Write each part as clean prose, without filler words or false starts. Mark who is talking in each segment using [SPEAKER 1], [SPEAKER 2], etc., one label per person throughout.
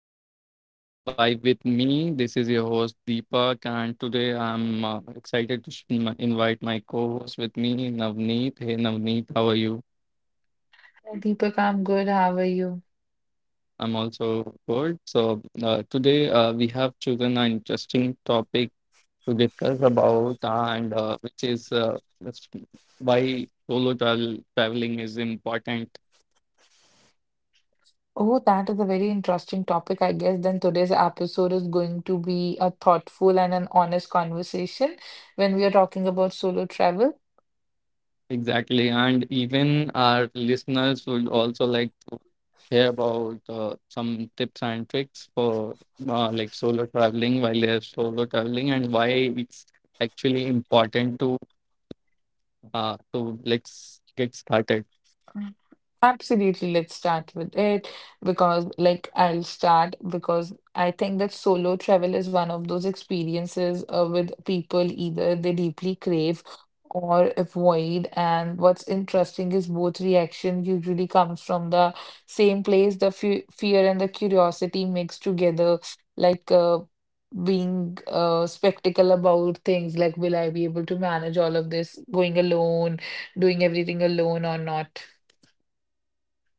[SPEAKER 1] channel. Vibe with me. This is your host Deepak, and today I'm excited to invite my co-host with me, Navneet. Hey Navneet, how are you?
[SPEAKER 2] Hi, Deepak, I'm good. How are you?
[SPEAKER 1] I'm also good. So, today we have chosen an interesting topic to discuss about, and which is that's why solo traveling is important.
[SPEAKER 2] Oh, that is a very interesting topic. I guess then today's episode is going to be a thoughtful and an honest conversation when we are talking about solo travel.
[SPEAKER 1] Exactly. And even our listeners would also like to hear about some tips and tricks for like solo traveling while they're solo traveling, and why it's actually important to like get started.
[SPEAKER 2] Absolutely, let's start with it because, like, I'll start because I think that solo travel is one of those experiences with people either they deeply crave or avoid. And what's interesting is both reaction usually comes from the same place, the fe fear and the curiosity mixed together, like being spectacle about things like, will I be able to manage all of this going alone, doing everything alone or not?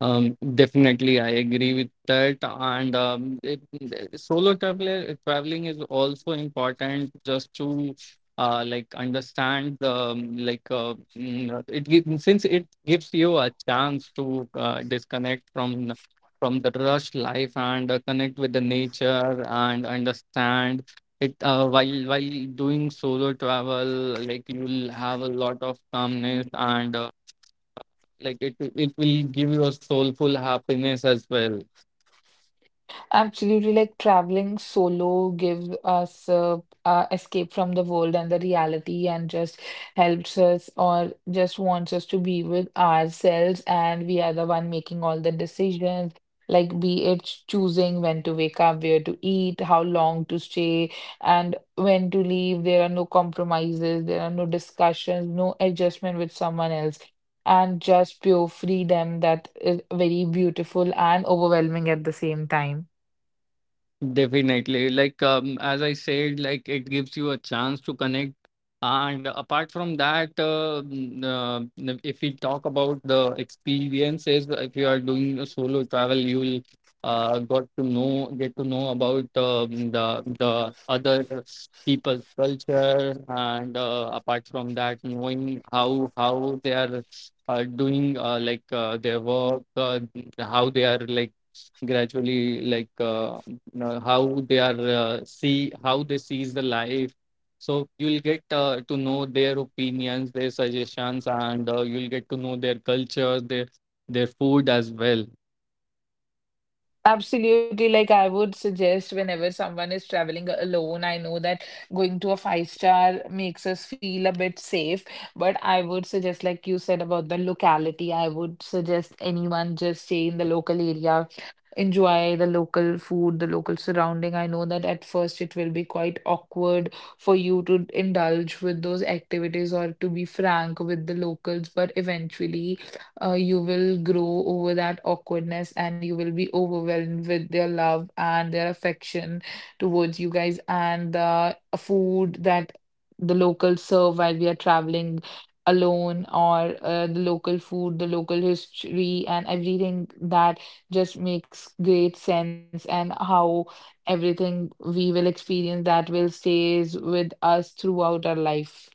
[SPEAKER 1] Definitely, I agree with that. And solo traveler traveling is also important, just to like understand the, like, it gives since it gives you a chance to disconnect from the rush life, and connect with the nature and understand it, while doing solo travel, like you'll have a lot of calmness, and like it will give you a soulful happiness as well.
[SPEAKER 2] Absolutely, like traveling solo gives us escape from the world and the reality, and just helps us or just wants us to be with ourselves, and we are the one making all the decisions. Like, be it choosing when to wake up, where to eat, how long to stay, and when to leave. There are no compromises, there are no discussions, no adjustment with someone else, and just pure freedom that is very beautiful and overwhelming at the same time.
[SPEAKER 1] Definitely. Like, as I said, like it gives you a chance to connect. And apart from that, if we talk about the experiences, if you are doing a solo travel, you'll get to know about, the other people's culture, and apart from that, knowing how they are doing, like, their work, how they are, like, gradually, like, how they are, see how they sees the life, so you'll get to know their opinions, their suggestions, and you'll get to know their culture, their food as well.
[SPEAKER 2] Absolutely. Like I would suggest whenever someone is traveling alone, I know that going to a five-star makes us feel a bit safe, but I would suggest, like you said about the locality, I would suggest anyone just stay in the local area, enjoy the local food, the local surrounding. I know that at first it will be quite awkward for you to indulge with those activities or to be frank with the locals, but eventually you will grow over that awkwardness and you will be overwhelmed with their love and their affection towards you guys and the food that the locals serve while we are traveling alone or the local food, the local history, and everything that just makes great sense and how everything we will experience that will stays with us throughout our life.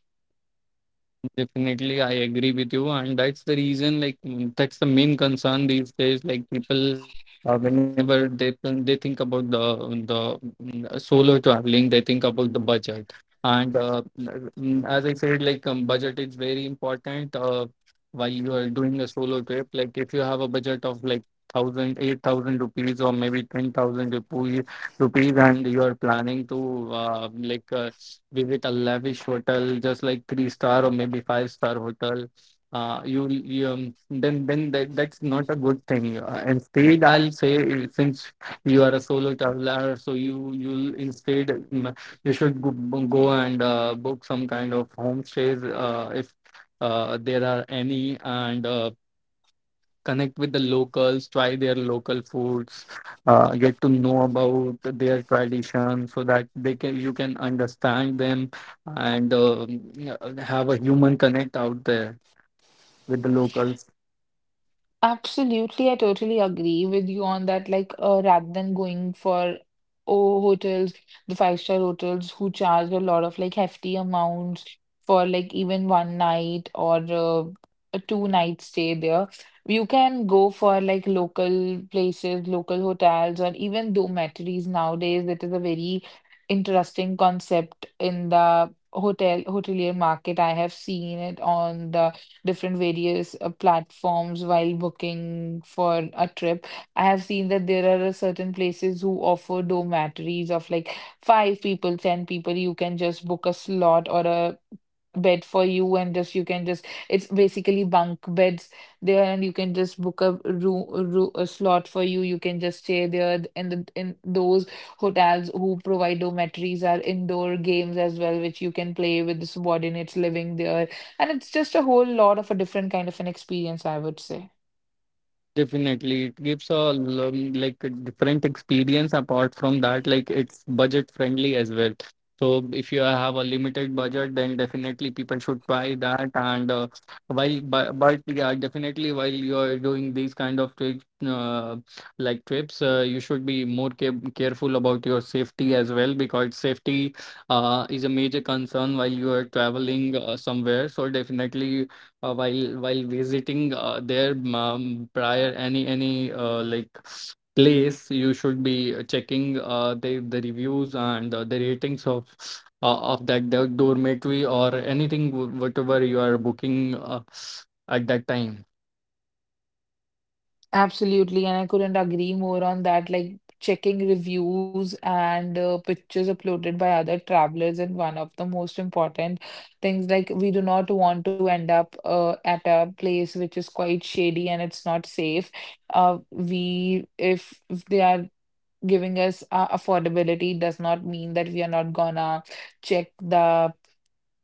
[SPEAKER 1] Definitely, I agree with you, and that's the reason. Like, that's the main concern these days. Like, people, whenever they they think about the solo traveling, they think about the budget. And as I said, like, budget is very important. While you are doing a solo trip, like, if you have a budget of like 8,000 rupees, or maybe 10,000 rupees, and you are planning to like visit a lavish hotel, just like three star or maybe five-star hotel. You, then that's not a good thing. Instead, I'll say, since you are a solo traveler, so you'll instead, you should, go and book some kind of homestays, if there are any and. Connect with the locals, try their local foods, get to know about their tradition so that they can you can understand them, and yeah, have a human connect out there with the locals.
[SPEAKER 2] Absolutely, I totally agree with you on that. Like, rather than going for oh hotels, the five-star hotels who charge a lot of like hefty amounts for like even one night or a two-night stay there, you can go for like local places, local hotels, or even dormitories nowadays. It is a very interesting concept in the hotelier market. I have seen it on the different various platforms while booking for a trip. I have seen that there are a certain places who offer dormitories of like five people, ten people. You can just book a slot or a bed for you and just you can just it's basically bunk beds there and you can just book a room, a slot for you can just stay there and in those hotels who provide dormitories are indoor games as well which you can play with the subordinates living there, and it's just a whole lot of a different kind of an experience, I would say.
[SPEAKER 1] Definitely, it gives a, like, a different experience apart from that; like, it's budget friendly as well. So if you have a limited budget, then definitely people should try that. And while, but, yeah, definitely while you're doing these kind of trips, like trips, you should be more careful about your safety as well, because safety is a major concern while you are traveling somewhere. So definitely, while visiting, their, prior any, like, place, you should be checking, the reviews and the ratings of that dormitory or anything, whatever you are booking, at that time.
[SPEAKER 2] Absolutely. And I couldn't agree more on that. Like checking reviews and pictures uploaded by other travelers and one of the most important things. Like we do not want to end up at a place which is quite shady and it's not safe. We, if they are giving us affordability, does not mean that we are not gonna check the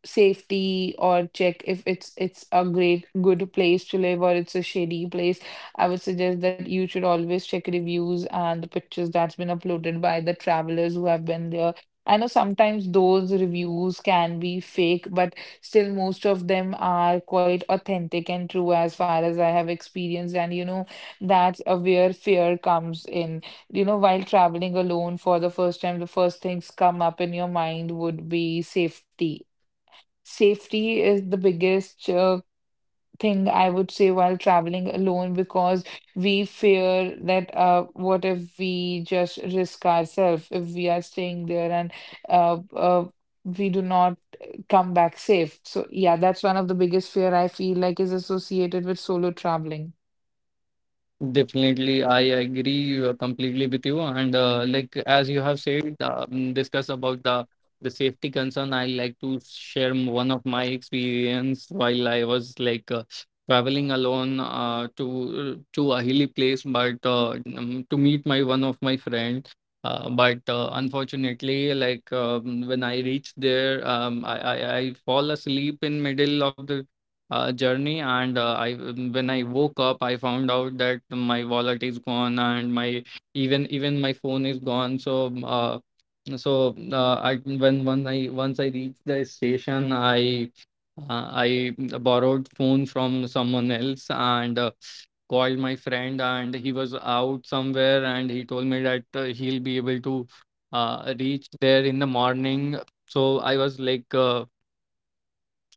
[SPEAKER 2] safety or check if it's a great good place to live or it's a shady place. I would suggest that you should always check reviews and the pictures that's been uploaded by the travelers who have been there. I know sometimes those reviews can be fake but still most of them are quite authentic and true as far as I have experienced. And that's where fear comes in, while traveling alone for the first time the first things come up in your mind would be safety. Safety is the biggest thing I would say while traveling alone because we fear that what if we just risk ourselves if we are staying there and uh, uh, we do not come back safe. So yeah, that's one of the biggest fear I feel like is associated with solo traveling.
[SPEAKER 1] Definitely, I agree, completely with you. And like, as you have said, discuss about the safety concern. I like to share, one of my experience while I was, like, traveling alone, to a hilly place, but, to meet my, one of my friend. But, unfortunately, like, when I reached there, I fall asleep in middle of the, journey. And, I when I woke up, I found out that my wallet is gone, and my even even my phone is gone. So, uh, I when once I reached the station, I borrowed phone from someone else, and called my friend, and he was out somewhere, and he told me that, he'll be able to, reach there in the morning. So I was, like, uh,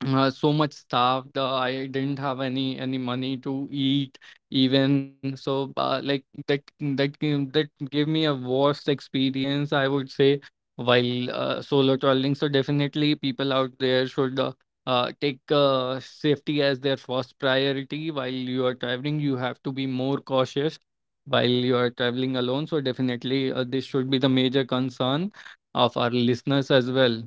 [SPEAKER 1] uh, so much starved, I didn't have any money to eat even. So, like, that gave me a worst experience, I would say, while, solo traveling. So definitely people out there should, take, safety as their first priority. While you are traveling, you have to be more cautious while you are traveling alone. So definitely, this should be the major concern of our listeners as well.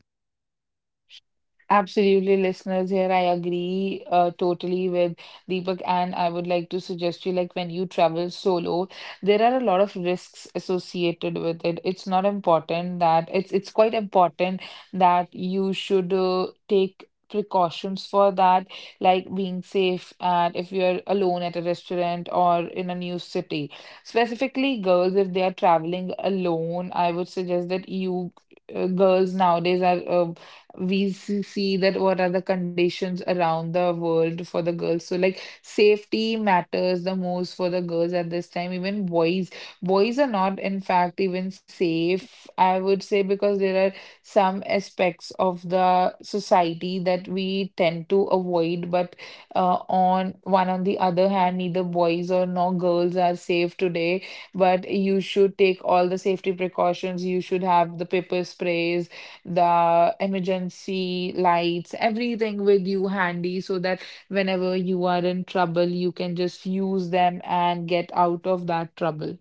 [SPEAKER 2] Absolutely, listeners. Here I agree totally with Deepak, and I would like to suggest you, like when you travel solo, there are a lot of risks associated with it. It's not important that it's quite important that you should take precautions for that, like being safe and if you're alone at a restaurant or in a new city. Specifically, girls, if they are traveling alone, I would suggest that you, girls nowadays are, we see that what are the conditions around the world for the girls. So like safety matters the most for the girls at this time. Even boys are not in fact even safe, I would say, because there are some aspects of the society that we tend to avoid. But on the other hand, neither boys or nor girls are safe today. But you should take all the safety precautions. You should have the pepper sprays, the emergency lights, everything with you handy so that whenever you are in trouble, you can just use them and get out of that trouble.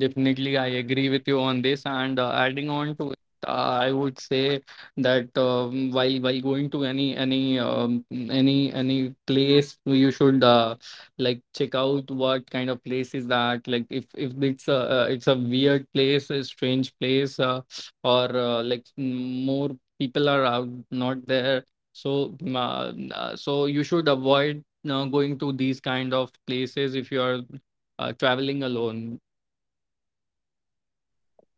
[SPEAKER 1] Definitely, I agree with you on this. And, adding on to it, I would say that, while going to any place, you should, like, check out what kind of place is that. Like, if it's a weird place, a strange place, or, like, more people are out not there. So, so you should avoid, going to these kind of places if you are, traveling alone.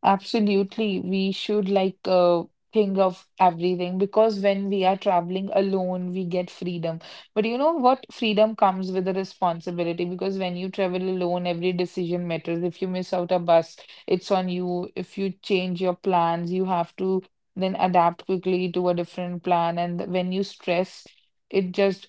[SPEAKER 2] Absolutely. We should like think of everything because when we are traveling alone, we get freedom. But you know what? Freedom comes with a responsibility because when you travel alone, every decision matters. If you miss out a bus, it's on you. If you change your plans, you have to then adapt quickly to a different plan. And when you stress, it just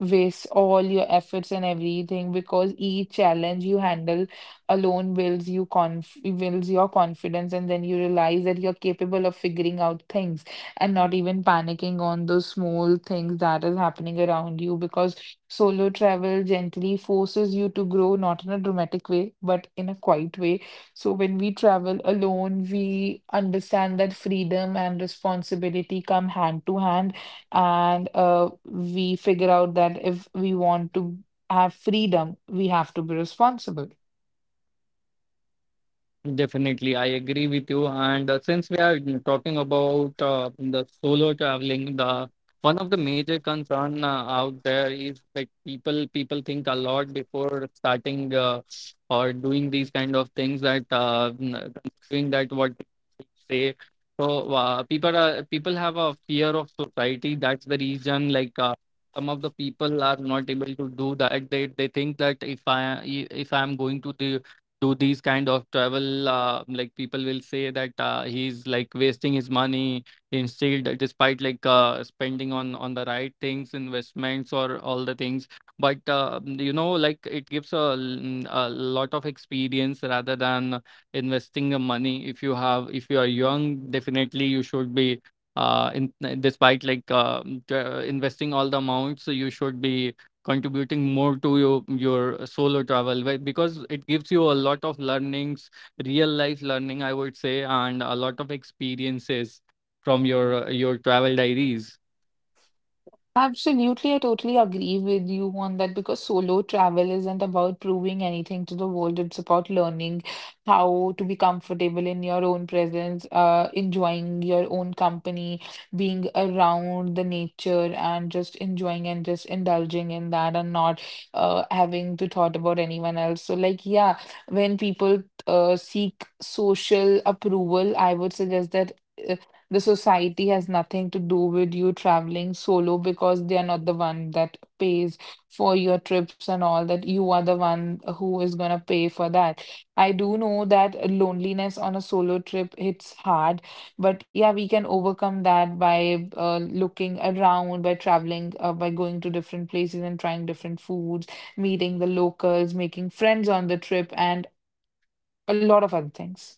[SPEAKER 2] waste all your efforts and everything because each challenge you handle alone builds your confidence, and then you realize that you're capable of figuring out things and not even panicking on those small things that is happening around you because solo travel gently forces you to grow, not in a dramatic way but in a quiet way. So when we travel alone, we understand that freedom and responsibility come hand to hand, and we figure out that if we want to have freedom, we have to be responsible.
[SPEAKER 1] Definitely, I agree with you. And, since we are talking about, the solo traveling, the, one of the major concern, out there is, like, people think a lot before starting, or doing these kind of things, that, considering that what say, so, people have a fear of society. That's the reason, like, some of the people are not able to do that. They think that, if I'm going to the do these kind of travel, like, people will say that, he's, like, wasting his money instead, despite, like, spending on the right things, investments or all the things, but, like, it gives a, a lot of experience rather than investing your money. If you are young, definitely you should be, in, despite, like, investing all the amounts. So you should be contributing more to your solo travel, because it gives you a lot of learnings, real life learning, I would say, and a lot of experiences from your travel diaries.
[SPEAKER 2] Absolutely, I totally agree with you on that because solo travel isn't about proving anything to the world. It's about learning how to be comfortable in your own presence, enjoying your own company, being around the nature, and just enjoying and just indulging in that and not having to thought about anyone else. So, like, yeah, when people seek social approval, I would suggest that the society has nothing to do with you traveling solo because they are not the one that pays for your trips and all that. You are the one who is going to pay for that. I do know that loneliness on a solo trip hits hard, but yeah, we can overcome that by looking around, by traveling, by going to different places and trying different foods, meeting the locals, making friends on the trip and a lot of other things.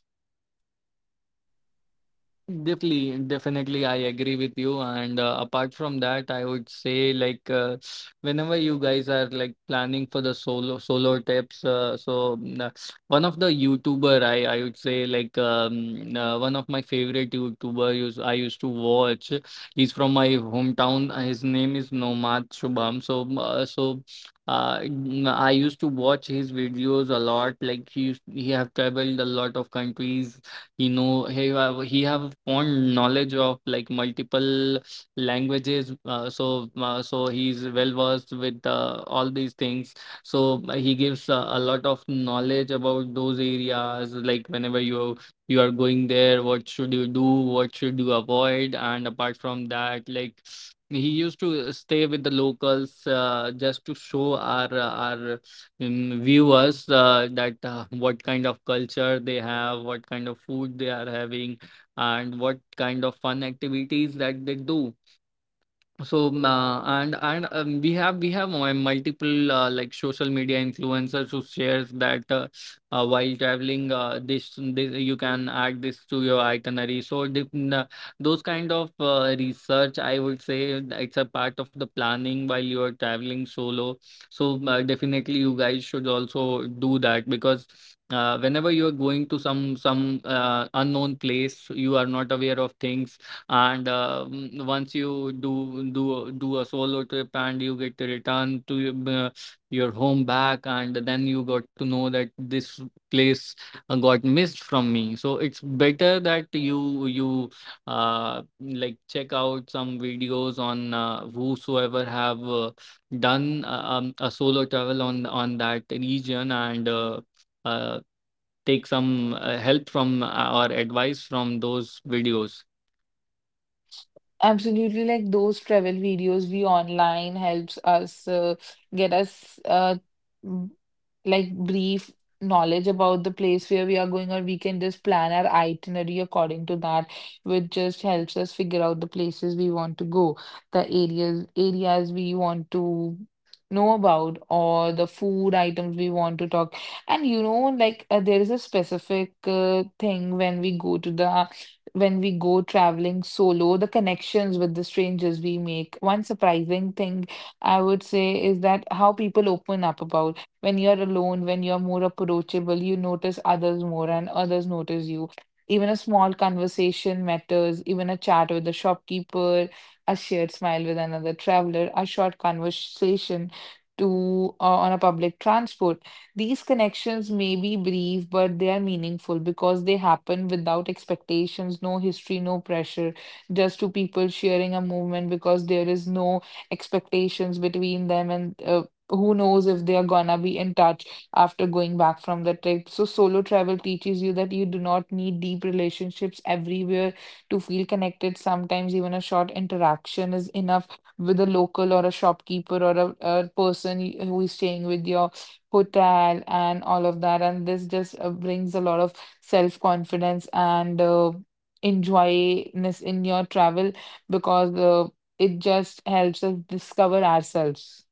[SPEAKER 1] Definitely, I agree with you. And, apart from that, I would say, like, whenever you guys are, like, planning for the solo tips, so mm, one of the YouTuber, I would say, like, one of my favorite YouTuber, use I used to watch. He's from my hometown. His name is Nomad Shubham. So, I used to watch his videos a lot. Like he, he have traveled a lot of countries. He know, he he have fond knowledge of, like, multiple languages. So he's well versed with, all these things. So, he gives, a lot of knowledge about those areas. Like, whenever you are going there, what should you do? What should you avoid? And apart from that, like, he used to stay with the locals, just to show our in viewers, that, what kind of culture they have, what kind of food they are having, and what kind of fun activities that they do. So, and, we have, multiple, like, social media influencers, who shares that, while traveling, this you can add this to your itinerary. So, those kind of, research, I would say, that it's a part of the planning while you are traveling solo. So, definitely, you guys should also do that, because, whenever you are going to some, unknown place, you are not aware of things. And, once you do a solo trip and you get to return to your home back, and then you got to know that this place, got missed from me. So it's better that you like, check out some videos on, whosoever have, done, a solo travel on that region, and, uh, take some, help from, or advice from those videos.
[SPEAKER 2] Absolutely, like those travel videos we online helps us get us m- like brief knowledge about the place where we are going, or we can just plan our itinerary according to that, which just helps us figure out the places we want to go, the areas we want to know about, or the food items we want to talk. And you know, like there is a specific thing, when we go traveling solo, the connections with the strangers we make. One surprising thing I would say is that how people open up, about when you're alone, when you're more approachable, you notice others more and others notice you. Even a small conversation matters, even a chat with the shopkeeper, a shared smile with another traveler, a short conversation to on a public transport. These connections may be brief, but they are meaningful because they happen without expectations, no history, no pressure, just two people sharing a movement because there is no expectations between them, and who knows if they are gonna be in touch after going back from the trip. So solo travel teaches you that you do not need deep relationships everywhere to feel connected. Sometimes even a short interaction is enough, with a local or a shopkeeper or a person who is staying with you hotel and all of that. And this just brings a lot of self-confidence and enjoyness in your travel because it just helps us discover ourselves.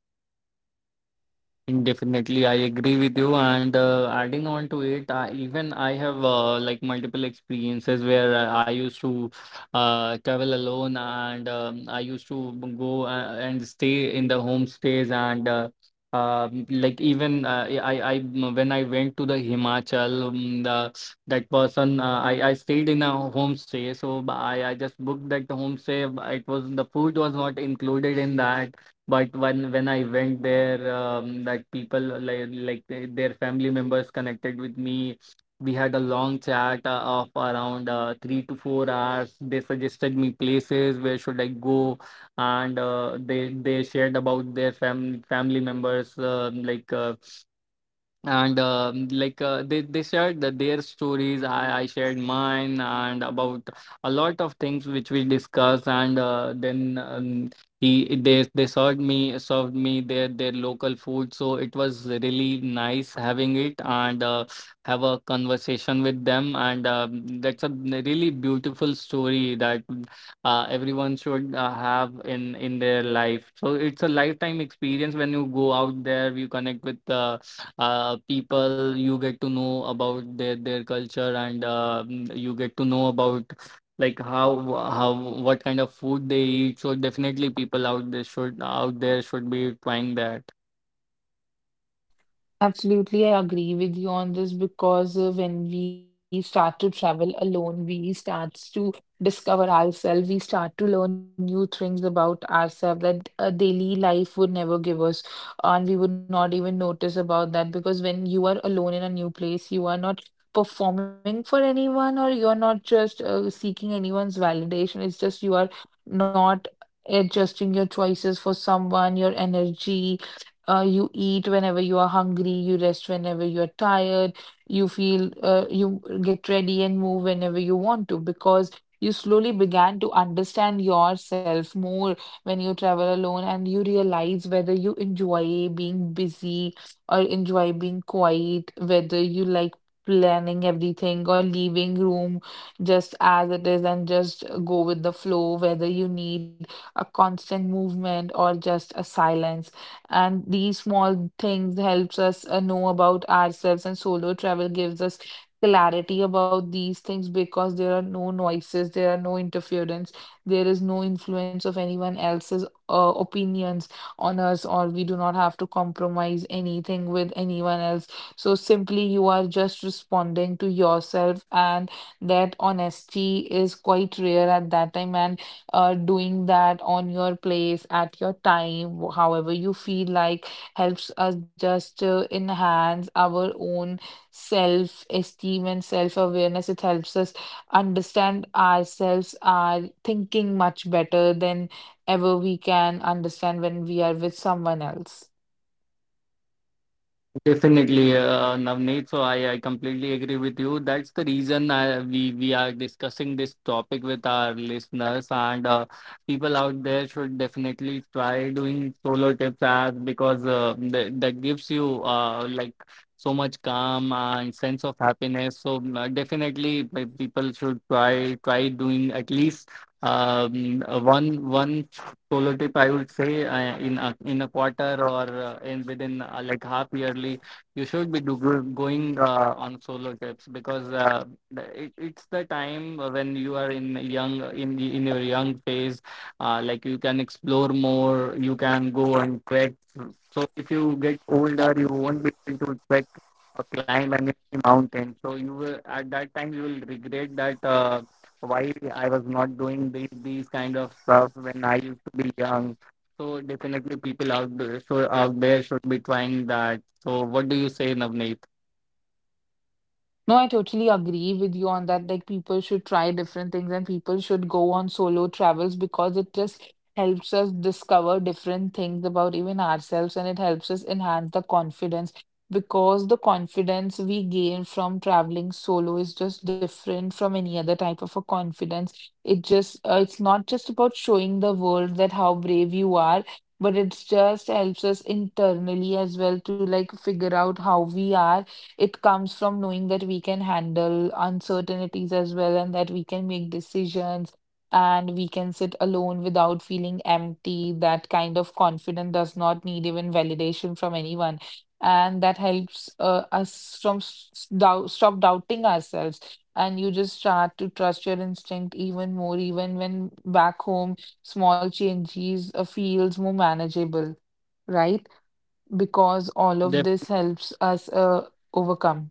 [SPEAKER 1] Definitely, I agree with you. And adding on to it, even I have like multiple experiences where I used to travel alone, and I used to go and stay in the homestays, and like even when I went to the Himachal, that person I stayed in a homestay, so I just booked that homestay. It was— the food was not included in that, but when I went there, like people like their family members connected with me. We had a long chat of around 3 to 4 hours. They suggested me places where should I go, and they shared about their family family members, like they shared their stories. I shared mine, and about a lot of things which we discussed, and then he they served me their local food. So it was really nice having it and have a conversation with them. And that's a really beautiful story that everyone should have in their life. So it's a lifetime experience. When you go out there, you connect with people, you get to know about their culture, and you get to know about like how what kind of food they eat. So definitely people out there should be trying that.
[SPEAKER 2] Absolutely, I agree with you on this because when we start to travel alone, we starts to discover ourselves. We start to learn new things about ourselves that daily life would never give us, and we would not even notice about that because when you are alone in a new place, you are not performing for anyone, or you are not just seeking anyone's validation. It's just you are not adjusting your choices for someone, your energy, you eat whenever you are hungry, you rest whenever you are tired, you feel, you get ready and move whenever you want to, because you slowly began to understand yourself more when you travel alone, and you realize whether you enjoy being busy or enjoy being quiet, whether you like planning everything or leaving room just as it is and just go with the flow, whether you need a constant movement or just a silence, and these small things helps us know about ourselves, and solo travel gives us clarity about these things because there are no noises, there are no interference, there is no influence of anyone else's opinions on us, or we do not have to compromise anything with anyone else. So simply you are just responding to yourself, and that honesty is quite rare at that time, and doing that on your place at your time, however you feel like, helps us just enhance our own self esteem and self awareness. It helps us understand ourselves, our thinking much better than ever we can understand when we are with someone else.
[SPEAKER 1] Definitely, Navneet. So I completely agree with you. That's the reason I, we are discussing this topic with our listeners, and people out there should definitely try doing solo trips, as because that gives you like so much calm and sense of happiness. So definitely, people should try doing at least one solo tip, I would say, in a quarter, or in within like half yearly you should be going on solo trips, because it, it's the time when you are in young in in your young phase, like you can explore more, you can go and trek. So if you get older, you won't be able to trek or climb any mountain, so you will— at that time you will regret that why I was not doing these kind of stuff when I used to be young. So definitely people out there, so out there should be trying that. So what do you say, Navneet?
[SPEAKER 2] No, I totally agree with you on that. Like, people should try different things, and people should go on solo travels because it just helps us discover different things about even ourselves, and it helps us enhance the confidence because the confidence we gain from traveling solo is just different from any other type of a confidence. It just, it's not just about showing the world that how brave you are, but it just helps us internally as well, to like figure out how we are. It comes from knowing that we can handle uncertainties as well, and that we can make decisions, and we can sit alone without feeling empty. That kind of confidence does not need even validation from anyone. And that helps us from stop doubting ourselves. And you just start to trust your instinct even more. Even when back home, small changes feels more manageable, right? Because all of
[SPEAKER 1] Def.
[SPEAKER 2] this helps us overcome.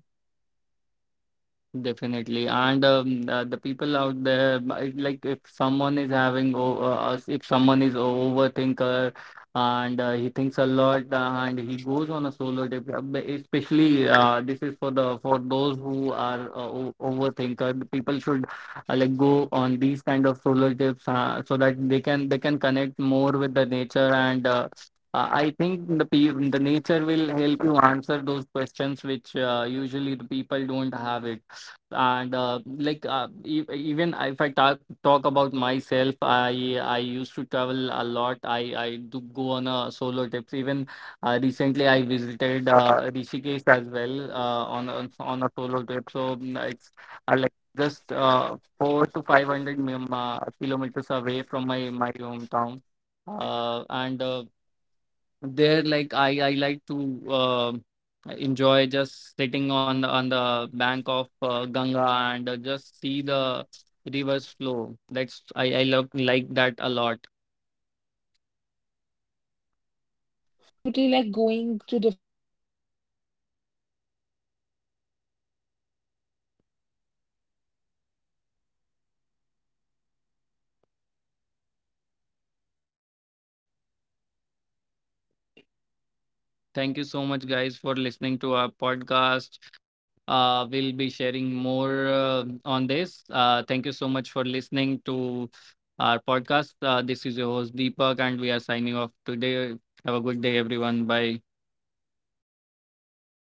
[SPEAKER 1] Definitely. And the people out there, like if someone is having, if someone is a overthinker, and he thinks a lot, and he goes on a solo trip, especially this is for the— for those who are overthinker. The people should like go on these kind of solo trips, so that they can connect more with the nature. And I think the nature will help you answer those questions which usually the people don't have it. And like even if I talk about myself, I used to travel a lot. I do go on a solo trips. Even recently I visited Rishikesh as well on a solo trip. So it's like just 4 to 500 kilometers away from my hometown, and there like I like to um enjoy just sitting on the bank of Ganga and just see the rivers flow. That's— I love like that a lot.
[SPEAKER 2] Absolutely, like going to different
[SPEAKER 1] Thank you so much guys for listening to our podcast. We'll be sharing more on this. Thank you so much for listening to our podcast. This is your host Deepak, and we are signing off today. Have a good day everyone. Bye.